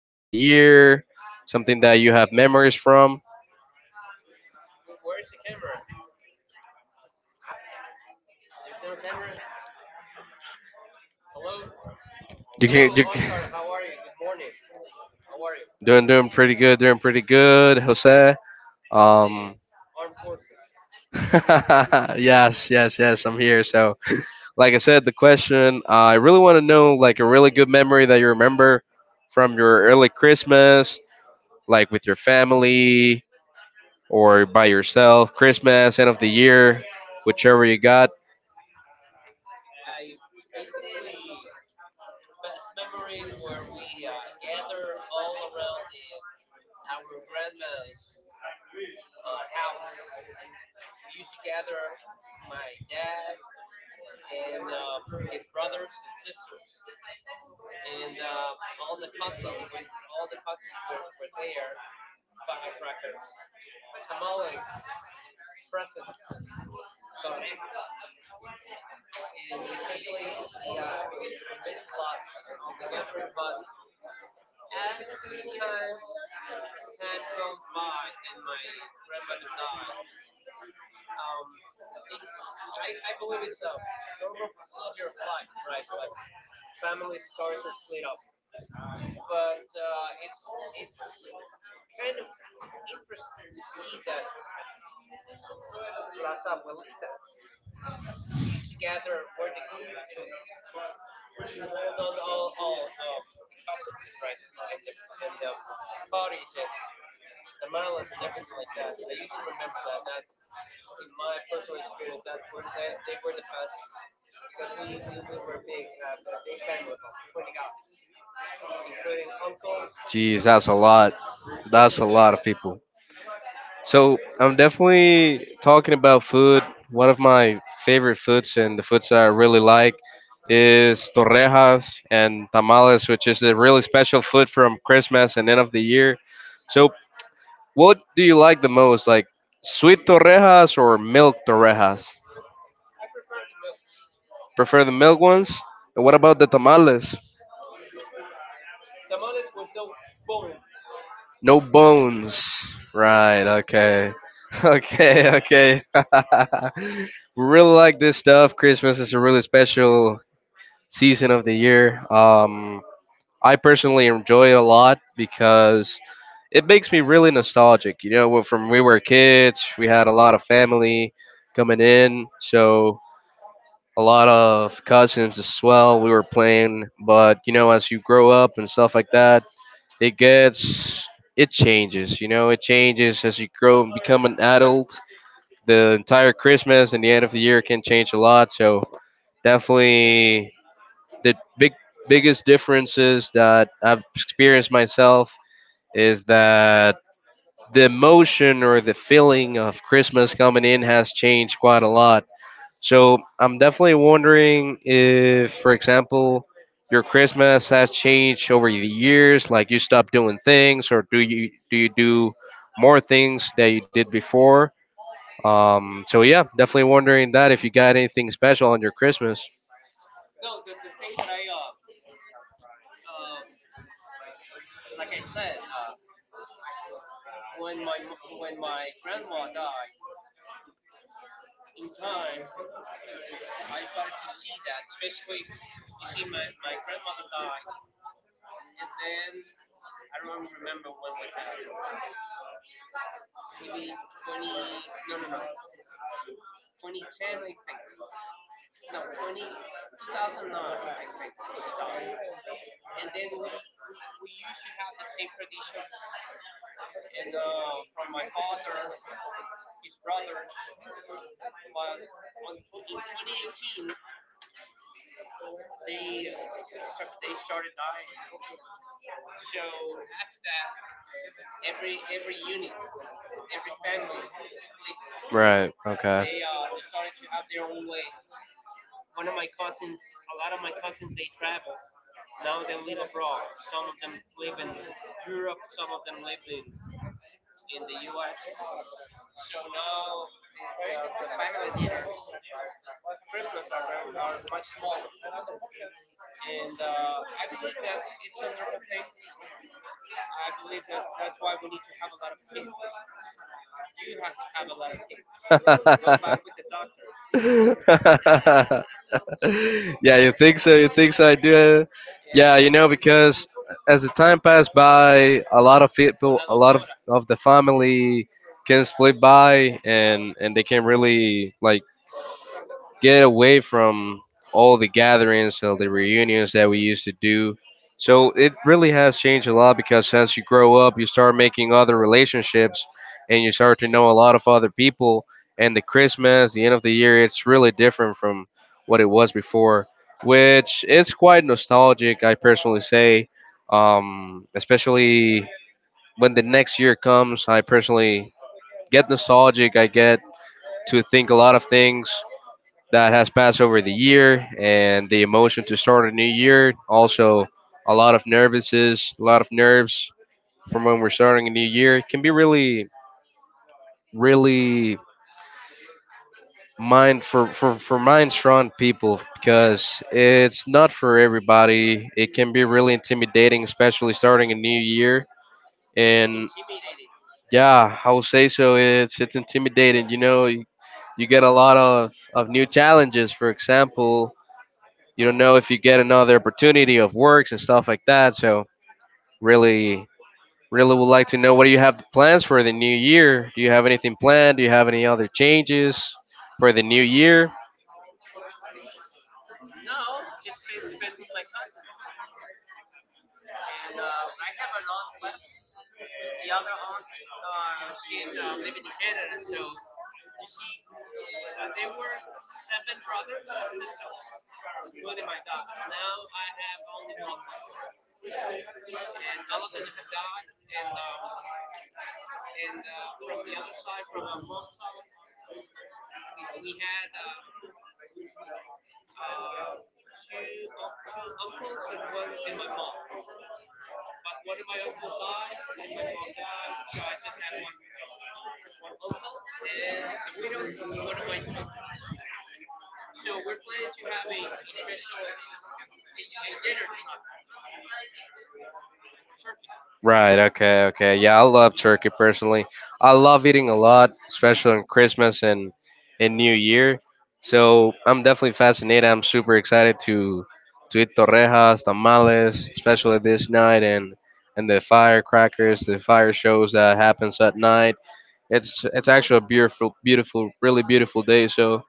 end of the year, something that you have memories from? You can, you. Doing pretty good. Doing pretty good, Jose. Um, yes, yes, yes. I'm here. So, like I said, the question I really want to know, like a really good memory that you remember from your early Christmas, like with your family or by yourself, Christmas, end of the year, whichever you got. Jeez, that's a lot. That's a lot of people. So I'm definitely talking about food. One of my favorite foods and the foods that I really like is torrejas and tamales, which is a really special food from Christmas and end of the year. So what do you like the most, like sweet torrejas or milk torrejas? Prefer the milk ones. And what about the tamales? No bones. Right. Okay. Okay. Okay. we really like this stuff. Christmas is a really special season of the year. I personally enjoy it a lot because it makes me really nostalgic. From we were kids, we had a lot of family coming in, so a lot of cousins as well. We were playing, but you know, as you grow up and stuff like that, it gets. It changes. You know, it changes as you grow and become an adult. The entire Christmas and the end of the year can change a lot. So definitely the biggest differences that I've experienced myself is that the emotion or the feeling of Christmas coming in has changed quite a lot. So I'm definitely wondering if, for example, your Christmas has changed over the years, like you stopped doing things, or do you do more things that you did before? So yeah, definitely wondering that if you got anything special on your Christmas. So after that, every unit, every family is split. Right. Okay. They started to have their own way. No matter with the doctor. Yeah, you think so? You think so? I do. Yeah, yeah. You know, because as the time passed by, a lot of people, a lot of the family can split by, and they can really like get away from all the gatherings and the reunions that we used to do. So it really has changed a lot because as you grow up, you start making other relationships and you start to know a lot of other people. And the Christmas, the end of the year, it's really different from what it was before, which is quite nostalgic, I personally say. Especially when the next year comes, I personally get nostalgic. I get to think a lot of things that has passed over the year and the emotion to start a new year. Also, a lot of nervousness, a lot of nerves from when we're starting a new year. It can be really, really mind for mind strong people because it's not for everybody. It can be really intimidating, especially starting a new year. And yeah, I will say so. It's intimidating. You know, you get a lot of new challenges. For example, you don't know if you get another opportunity of works and stuff like that. So really, really would like to know what do you have plans for the new year? Do you have anything planned? Do you have any other changes for the new year? Right. Okay. Okay. Yeah, I love turkey personally. I love eating a lot, especially on Christmas and in New Year. So I'm definitely fascinated. I'm super excited to eat torrejas, tamales, especially this night and the firecrackers, the fire shows that happens at night. It's actually a beautiful, beautiful, really beautiful day. So,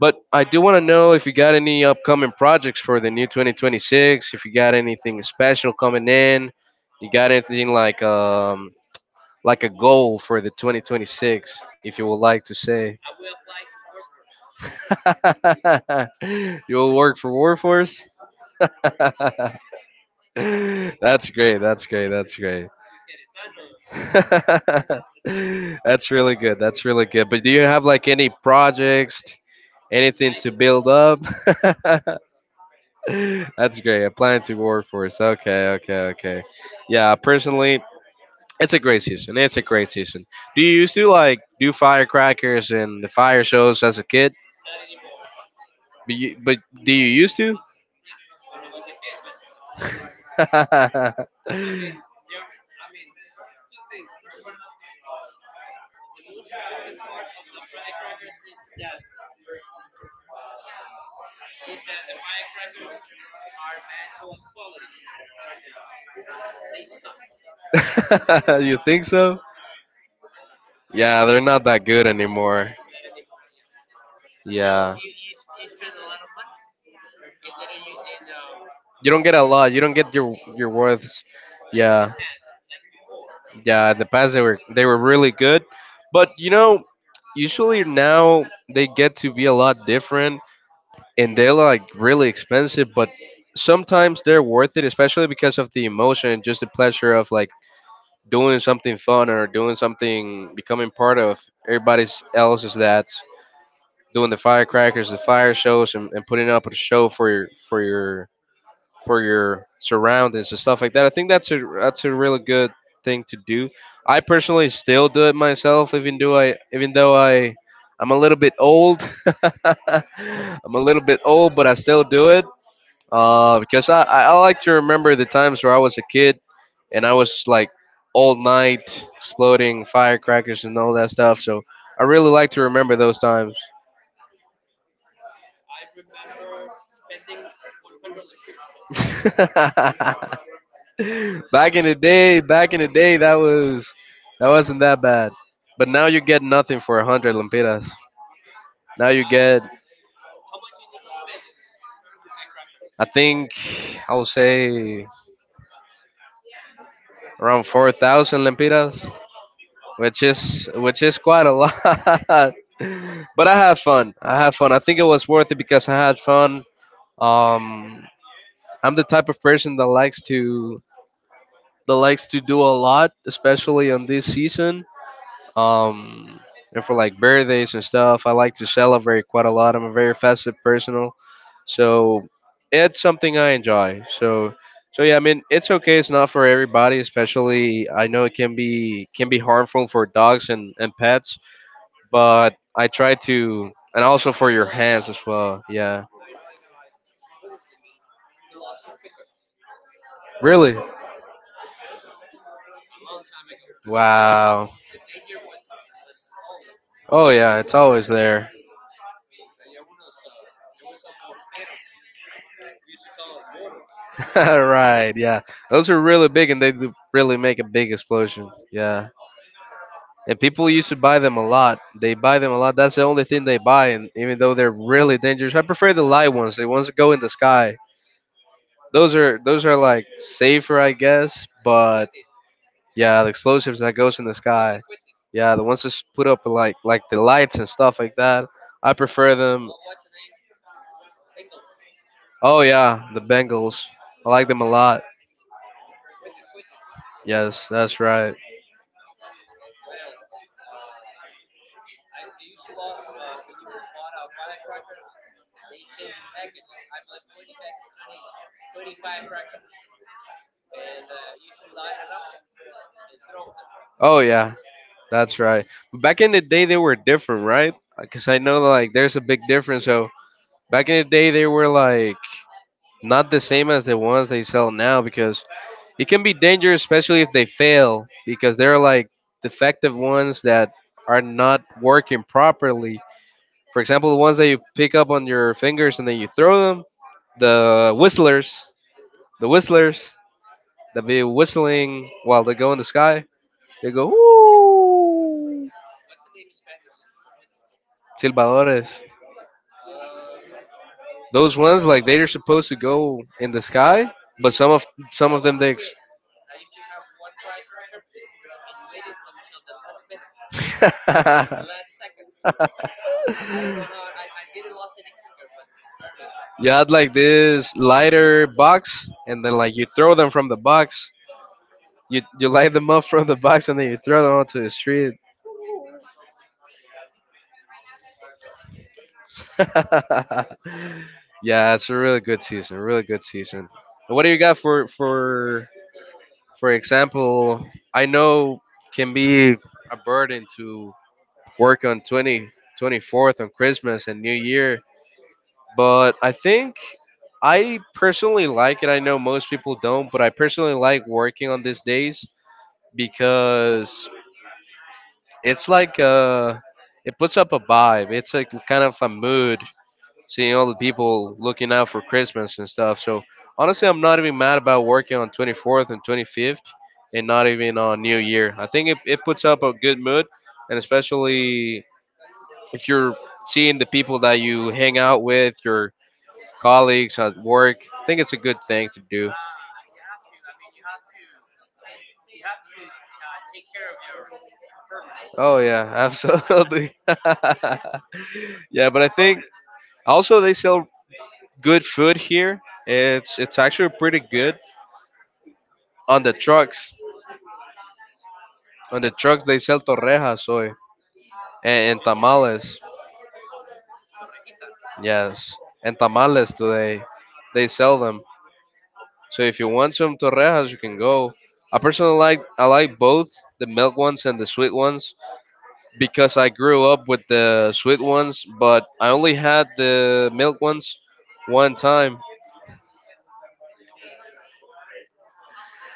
but I do want to know if you got any upcoming projects for the new 2026. If you got anything special coming in, you got anything like a goal for the 2026, if you would like to say. You will work for Warforce. That's great. That's great. That's great. That's really good. That's really good. But do you have like any projects? Anything to build up? That's great. Applying to workforce. Okay, okay, okay. Yeah, personally, it's a great season. It's a great season. Do you used to like do firecrackers and the fire shows as a kid? But do you used to? You think so? Yeah, they're not that good anymore. Yeah. You don't get a lot. You don't get your worths. Yeah. Yeah, in the past they were really good, but you know, usually now they get to be a lot different and they're like really expensive, but sometimes they're worth it, especially because of the emotion and just the pleasure of like doing something fun or doing something becoming part of everybody's else's that's doing the firecrackers, the fire shows, and, putting up a show for your for your surroundings and stuff like that. I think that's a really good thing to do. I personally still do it myself, even though I'm a little bit old. I'm a little bit old, but I still do it because I I like to remember the times where I was a kid and I was like all night exploding firecrackers and all that stuff. So I really like to remember those times. Back in the day, that wasn't that bad. But now you get nothing for a hundred lempiras. Now you get, I think, I'll say around 4,000 lempiras, which is quite a lot. But I had fun. I had fun. I think it was worth it because I had fun. Um, I'm the type of person that likes to do a lot, especially on this season. Um, and for like birthdays and stuff, I like to celebrate quite a lot. I'm a very festive personal, so it's something I enjoy. So yeah, I mean, it's okay. It's not for everybody, especially I know it can be harmful for dogs and pets, but I try to, and also for your hands as well. Yeah, really. Wow. Oh yeah, it's always there. Right. Yeah, those are really big, and they do really make a big explosion. Yeah. And people used to buy them a lot. They buy them a lot. That's the only thing they buy, and even though they're really dangerous, I prefer the light ones. The ones that go in the sky. Those are like safer, I guess. But yeah, the explosives that goes in the sky. Yeah, the ones that's put up like the lights and stuff like that. I prefer them. Oh yeah, the Bengals. I like them a lot. Yes, that's right. Oh yeah, that's right. But back in the day, they were different, right? Because I know like there's a big difference. So back in the day, they were like not the same as the ones they sell now because it can be dangerous, especially if they fail, because they're like defective ones that are not working properly. For example, the ones that you pick up on your fingers and then you throw them, the whistlers, the whistlers that be whistling while they go in the sky, they go, ooh, silbadores. Those ones like they are supposed to go in the sky, but some of them dicks. You had like this lighter box, and then like you throw them from the box. You light them up from the box, and then you throw them onto the street. Yeah, it's a really good season. Really good season. And what do you got for for example? I know can be a burden to work on twenty twenty fourth on Christmas and New Year. But I think I personally like it. I know most people don't, but I personally like working on these days because it's like it puts up a vibe. It's like kind of a mood seeing all the people looking out for Christmas and stuff. So honestly, I'm not even mad about working on 24th and 25th and not even on New Year. I think it puts up a good mood and especially if you're seeing the people that you hang out with, your colleagues at work, I think it's a good thing to do. Oh yeah, absolutely. yeah, but I think also they sell good food here. It's actually pretty good on the trucks. On the trucks they sell torrejas hoy and tamales. Yes, and tamales today. They sell them. So if you want some torrejas, you can go. I like both the milk ones and the sweet ones, because I grew up with the sweet ones, but I only had the milk ones one time.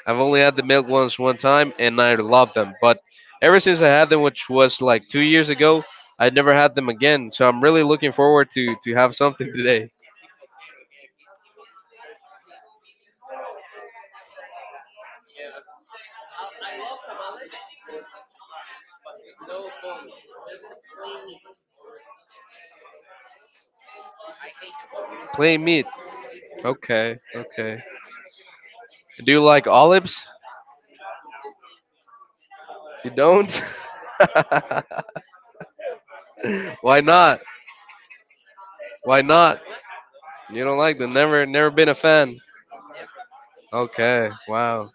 I've only had the milk ones one time, and I love them. But ever since I had them, which was like 2 years ago, I never had them again. So I'm really looking forward to have something today. Plain meat. Okay, okay. Do you like olives? You don't? Why not? Why not? You don't like them? Never, never been a fan. Okay. Wow.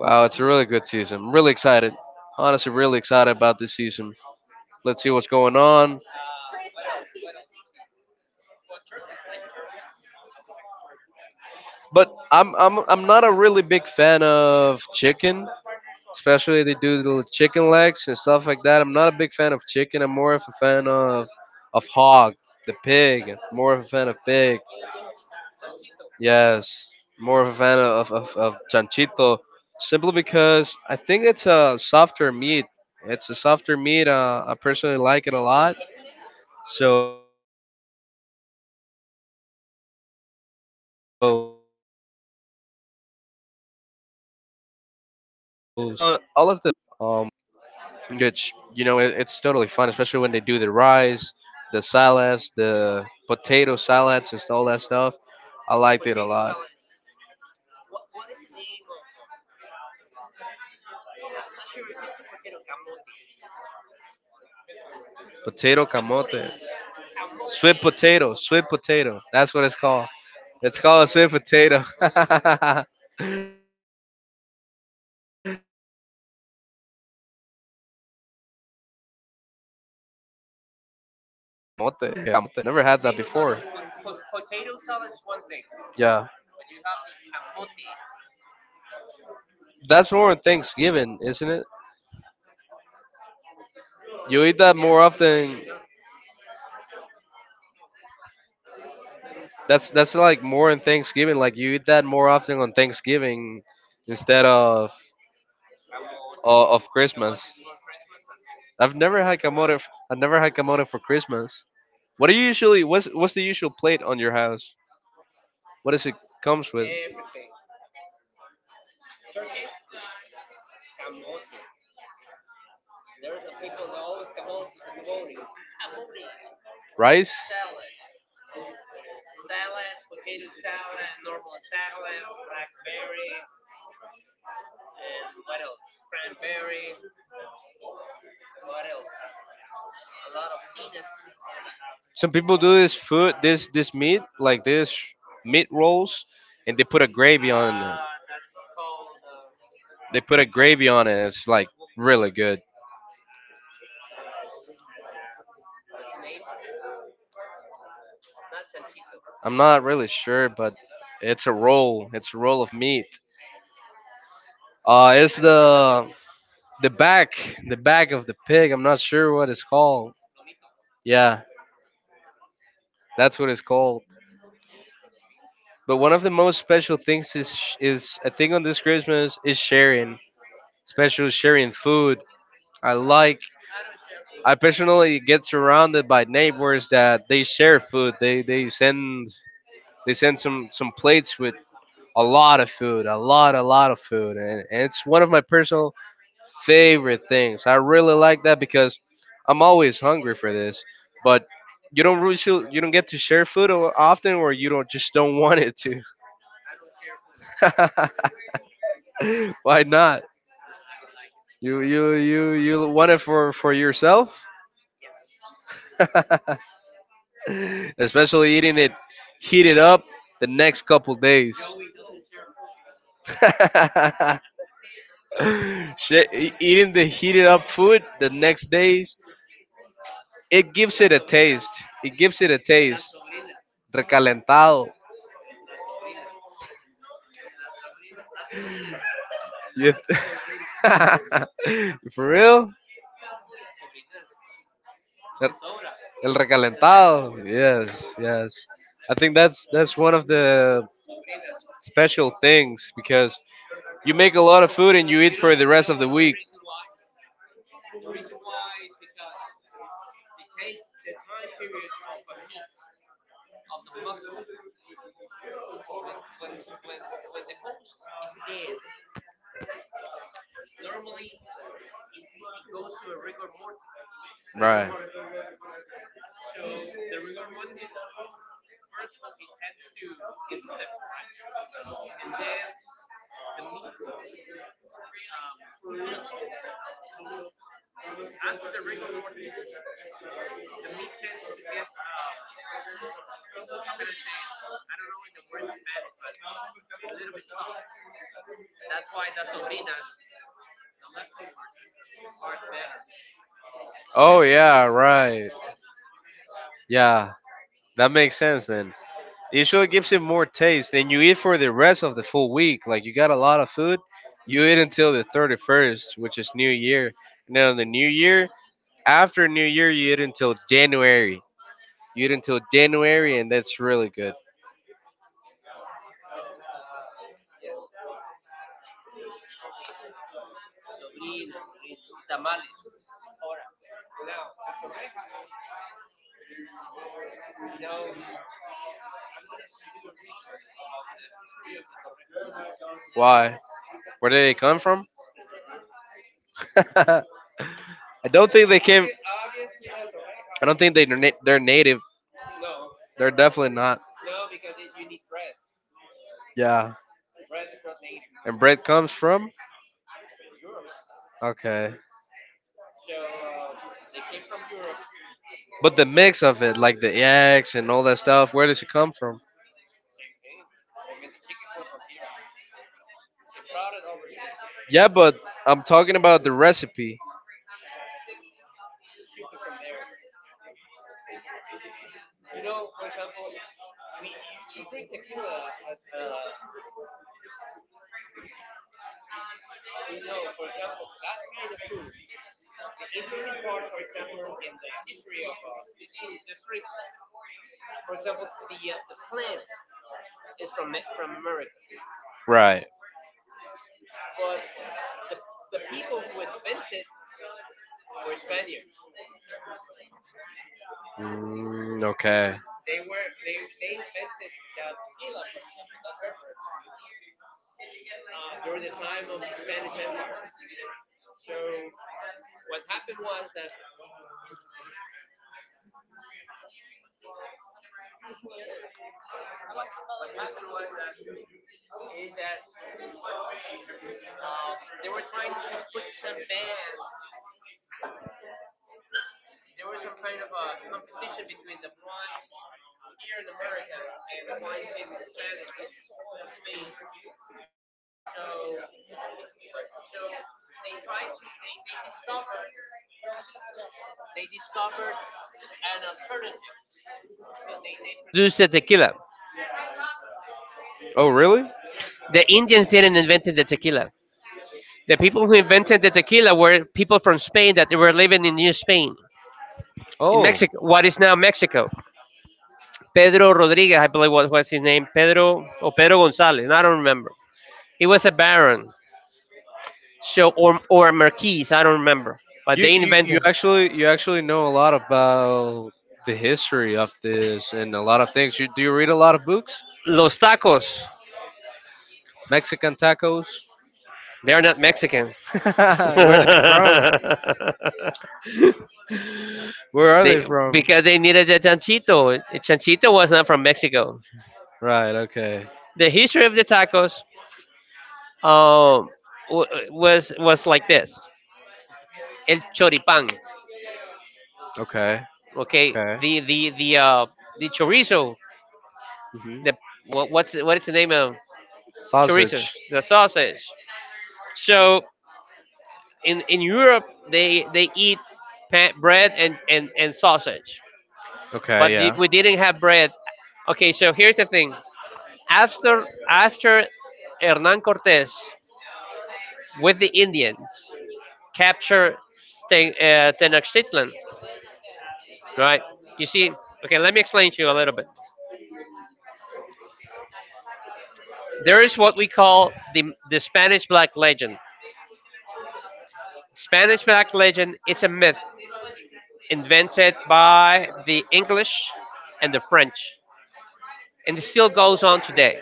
Wow, it's a really good season. I'm really excited. Honestly, really excited about this season. Let's see what's going on. But I'm not a really big fan of chicken, especially they do the chicken legs and stuff like that. I'm not a big fan of chicken. I'm more of a fan of hog, the pig. More of a fan of pig. Yes, more of a fan of chanchito, simply because I think it's a softer meat. It's a softer meat. I personally like it a lot. So yeah, I'm not a big fan of chicken, but all of the fun, all of the food, honestly, I think it's really good. Um, it's you know it, it's totally fun, especially when they do the rice, the salads, the potato salads, and all that stuff. I liked it a lot. Potato camote, sweet potato, sweet potato. That's what it's called. It's called a sweet potato. Okay, okay, okay. Yeah, but potato salad with camote. Potato salad with camote. Never had that before. Yeah, that's more on Thanksgiving, isn't it? You eat that more often. That's like more on Thanksgiving. Like you eat that more often on Thanksgiving instead of Christmas. I've never had camote. I've never had camote for Christmas. What do you usually? What's the usual plate on your house? What does it comes with? Rice. Some people do this food, this meat, like this meat rolls, and they put a gravy on it. They put a gravy on it. It's like really good. I'm not really sure, but it's a roll. It's a roll of meat. It's the the back, the back of the pig. I'm not sure what it's called. Yeah, that's what it's called. But one of the most special things is, I think on this Christmas, is sharing, especially sharing food. I like I personally get surrounded by neighbors that they share food. They send some plates with a lot of food, a lot of food, and it's one of my personal favorite things. I really like that because I'm always hungry for this, but you don't really shou- you don't get to share food often, or you don't just don't want it to. Why not? You want it for yourself? especially eating it heated up the next couple days. Shit, eating the heated up food the next days, it gives it a taste. It gives it a taste. Recalentado. You- For real? El recalentado. Yes, yes. I think that's one of the special things because you make a lot of food and you eat for the rest of the week. Right. Oh yeah, right. Yeah, that makes sense then. It sure gives it more taste. Then you eat for the rest of the full week. Like you got a lot of food, you eat until the 31st, which is New Year. And then on the New Year, after New Year, you eat until January. You eat until January, and that's really good. Why? Where did they come from? I don't think they came. I don't think they're native. They're definitely not. Yeah. And bread comes from? Okay. But the mix of it, like the eggs and all that stuff, where does it come from? Yeah, but I'm talking about the recipe. Right. Okay. Produce the tequila. Oh, really? The Indians didn't invent the tequila. The people who invented the tequila were people from Spain that were living in New Spain, in Oh. Mexico, what is now Mexico. Pedro Rodriguez, I believe what was his name, Pedro or Pedro Gonzalez, I don't remember. He was a baron, so or a marquis, I don't remember. But You, they you you invented actually you actually know a lot about the history of this and a lot of things. You do you read a lot of books? los tacos. Mexican tacos? They're not Mexican. they Where are they from? Where are they from? because they needed a chanchito. A chanchito was not from Mexico. Right. Okay. The history of the tacos um, w- was like this: el choripán. Okay. Okay, Okay. The chorizo. hmm The what is the name of chorizo? Sausage. The sausage. So in Europe they eat bread and sausage, Okay. but Yeah. the, we didn't have bread. Okay, so here's the thing: after Hernan Cortes with the Indians capture Tenochtitlan, right? You see, okay, let me explain to you a little bit. There is what we call the Spanish Black Legend. Spanish Black Legend, it's a myth invented by the English and the French, and it still goes on today.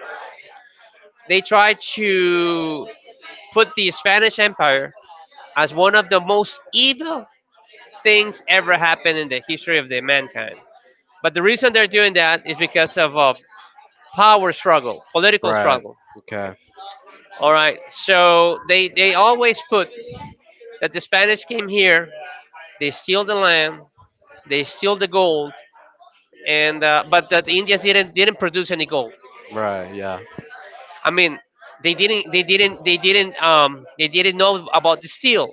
They try to put the Spanish Empire as one of the most evil things ever happened in the history of the mankind. But the reason they're doing that is because of a power struggle, political Right. struggle. Okay? Okay. All right. So they always put that the Spanish came here, they steal the land, they steal the gold, and but that the Indians didn't produce any gold. Right. Yeah. I mean, they didn't they didn't they didn't they didn't know about the steel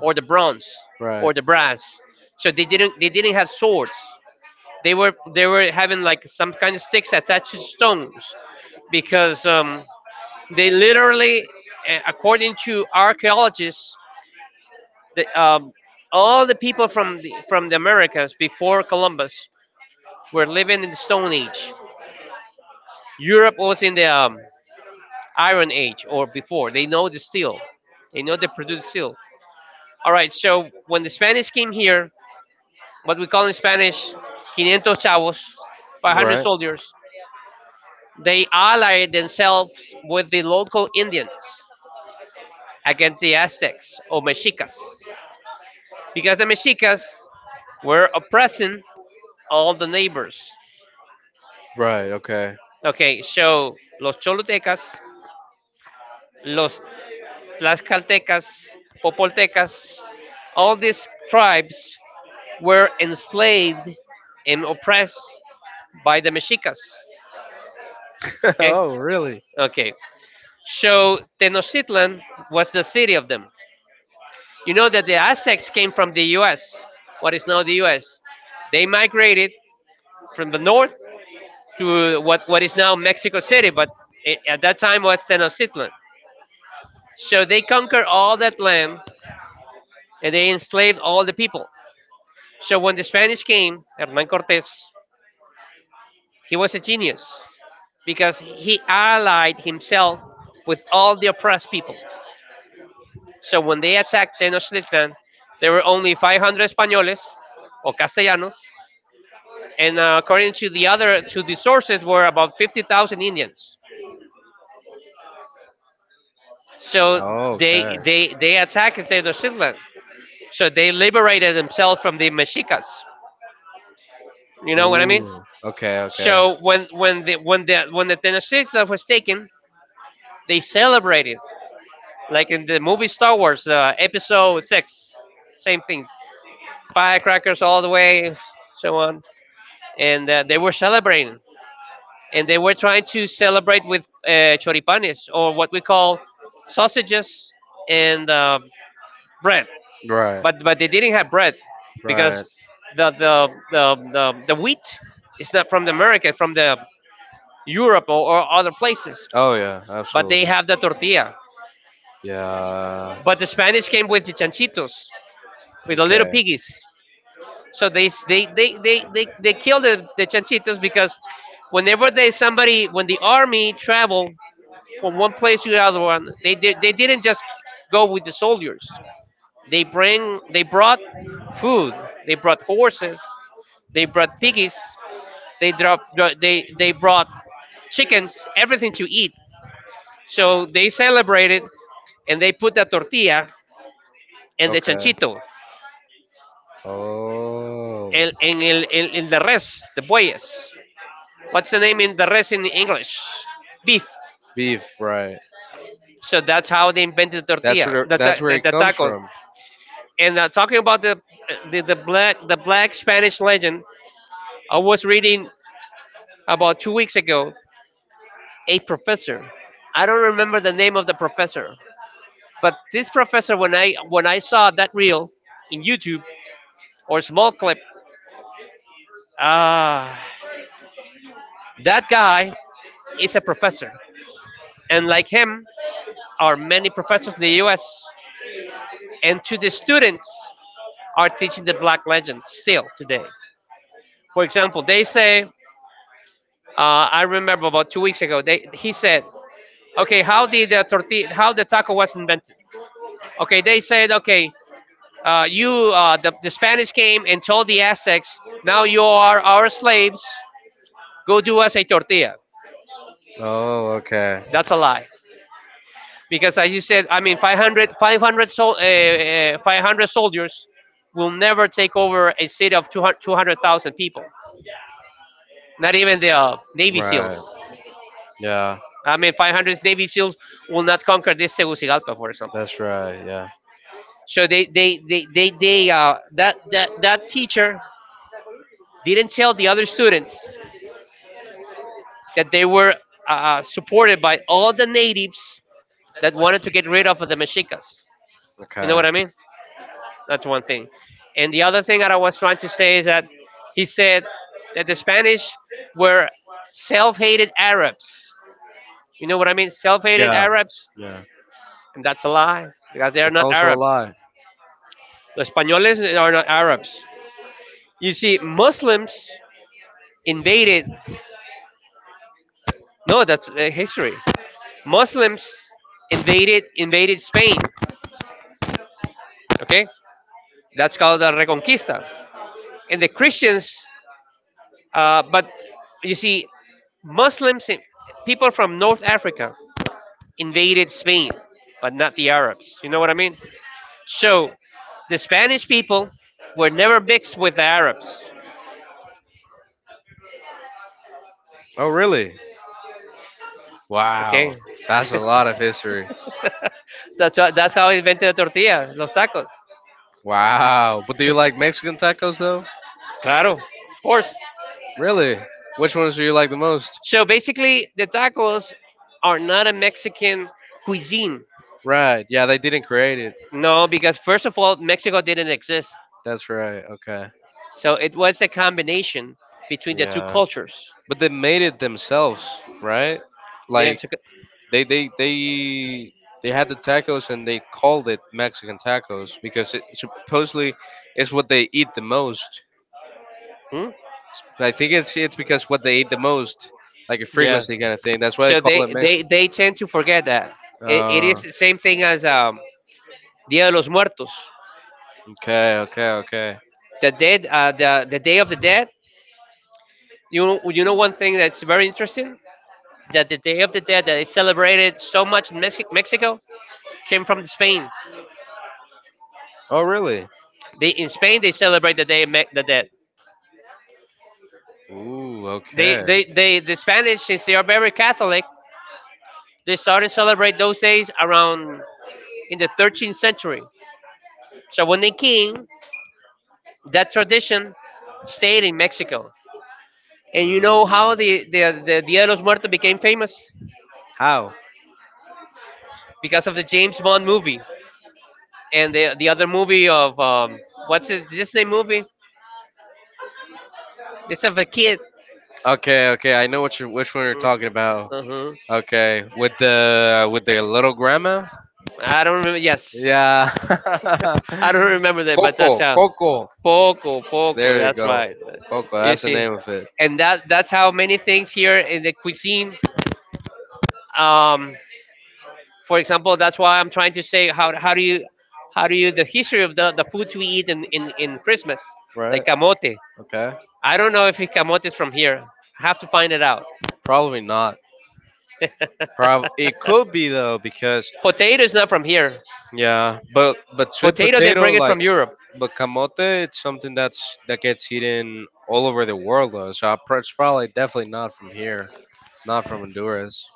or the bronze Right. or the brass. So they didn't have swords. They were having like some kind of sticks attached to stones because they literally, according to archaeologists, the, um, all the people from from the Americas before Columbus were living in the Stone Age. Europe was in the Iron Age or before. They know the steel. They know they produce steel. All right. So when the Spanish came here, what we call in Spanish, quinientos chavos, 500 Right. soldiers, they allied themselves with the local Indians against the Aztecs or Mexicas because the Mexicas were oppressing all the neighbors. Right. Okay. Okay, so los Cholutecas, los Tlaxcaltecas, Popoltecas, all these tribes were enslaved and oppressed by the Mexicas. Okay, Oh, really? okay. So Tenochtitlan was the city of them. You know that the Aztecs came from the U.S. What is now the U.S. They migrated from the north to what is now Mexico City, but it, at that time was Tenochtitlan. So they conquered all that land and they enslaved all the people. So when the Spanish came, Hernan Cortes, he was a genius because he allied himself with all the oppressed people. So when they attacked Tenochtitlan, there were only 500 Españoles or Castellanos, and according to the other to the sources, were about 50,000 Indians. So Oh, okay. they attacked Tenochtitlan. So they liberated themselves from the Mexicas. You know what I mean? Ooh. Okay. Okay. So when the Tenochtitlan was taken, they celebrated like in the movie Star Wars, Episode Six. Same thing, firecrackers all the way, so on, and they were celebrating, and they were trying to celebrate with choripanes or what we call sausages and bread, Right. but they didn't have bread because Right. the wheat is not from the America, from the Europe or other places, Oh yeah, but they absolutely. have the tortilla. Yeah. But the Spanish came with the chanchitos, with the little Okay. piggies. So they kill the chanchitos because when the army travel from one place to the other one, they didn't just go with the soldiers. They brought food. They brought horses. They brought piggies. They drop they brought chickens, everything to eat. So they celebrated and they put the tortilla and the Okay. chanchito, Oh. And the res, the bueyes. What's the name in the res in English? Beef. Beef, right. So that's how they invented the That's tortilla, where that's where it the comes tacos. from. And talking about the, black Spanish legend, I was reading about 2 weeks ago a professor. I don't remember the name of the professor, but this professor, when I saw that reel in YouTube or small clip, ah, that guy is a professor, and like him, are many professors in the US and to the students are teaching the black legend still today. For example, they say, I remember about 2 weeks ago, he said, okay, how did the tortilla, how the taco was invented? Okay, they said, okay, the Spanish came and told the Aztecs, now you are our slaves, go do us a tortilla. Oh, okay. That's a lie, because as you said, I mean, 500 soldiers will never take over a city of 200,000 people. Not even the Navy SEALs. Right. Yeah. I mean, 500 Navy SEALs will not conquer this Tegucigalpa, for example. That's right. Yeah. So that teacher didn't tell the other students that they were supported by all the natives that wanted to get rid of the Mexicas. You know what Okay. I mean? That's one thing. And the other thing that I was trying to say is that he said that the Spanish were self-hated Arabs. You know what I mean? Self-hated Yeah. Arabs, Yeah. and that's a lie because they are That's not also a Arabs. lie. Los españoles are not Arabs. You see, Muslims invaded. No, that's history. Muslims invaded Spain. Okay, that's called the Reconquista. And the Christians, but you see, Muslims, people from North Africa invaded Spain, but not the Arabs. You know what I mean? So the Spanish people were never mixed with the Arabs. Oh, really? Wow, Okay, that's a lot of history. That's how I invented the tortilla, los tacos. Wow, but do you like Mexican tacos though? Claro, of course. Really? Which ones do you like the most? So basically, the tacos are not a Mexican cuisine. Right. Yeah, they didn't create it. No, because first of all, Mexico didn't exist. That's right. Okay. So it was a combination between the two Yeah. cultures. But they made it themselves, right? Like The they they they they had the tacos and they called it Mexican tacos because it supposedly is what they eat the most. Hmm? But I think it's because what they ate the most, like a Yeah. frequency kind of thing. That's why they So call it Mexican. they tend to forget that. It is Oh, the same thing as Dia de los Muertos. okay, okay, okay. The dead, the Day of the Dead. You know one thing that's very interesting? That the Day of the Dead that is celebrated so much in Mexico came from Spain. Oh, really? They, in Spain, they celebrate the Day of the Dead. Ooh, okay. The Spanish, since they are very Catholic, they started to celebrate those days around in the 13th century. So when they came, that tradition stayed in Mexico. And you know how Mm. the Dia de los Muertos became famous? How? Because of the James Bond movie and the other movie of, what's his Disney movie? It's of a kid. Okay, okay. I know what you which one you're talking about. Uh-huh. Okay, with the with their little grandma. I don't remember, yes. Yeah. I don't remember that, but that's Coco, how. Coco. Poco, poco, There you that's go. right. Coco. You That's the see. name of it, And that's how many things here in the cuisine. Um, for example, that's why I'm trying to say how do you the history of the foods we eat in, in Christmas, like right? camote. Okay. I don't know if camote is from here. I have to find it out. Probably not. Prob It could be though because Potato is not from here. yeah, but sweet Potato, they potato bring it like from Europe. but camote, it's something that gets eaten all over the world though. So it's probably definitely not from here, not from Honduras.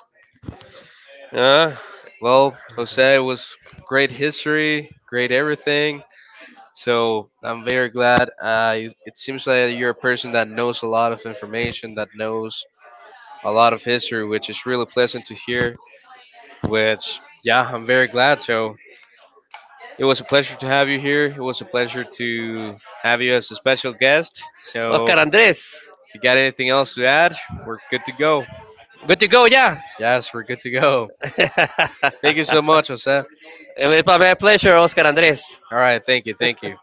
Uh, Well, Jose, it was great history, great everything. So I'm very glad. It it seems like you're a person that knows a lot of information, that knows a lot of history, which is really pleasant to hear. Which yeah, I'm very glad. So it was a pleasure to have you here. It was a pleasure to have you as a special guest. So, Oscar Andres. if you got anything else to add, we're good to go. Good to go, yeah. Yes, we're good to go. Thank you so much, Jose. It's my pleasure, Oscar Andres. All right, thank you, thank you.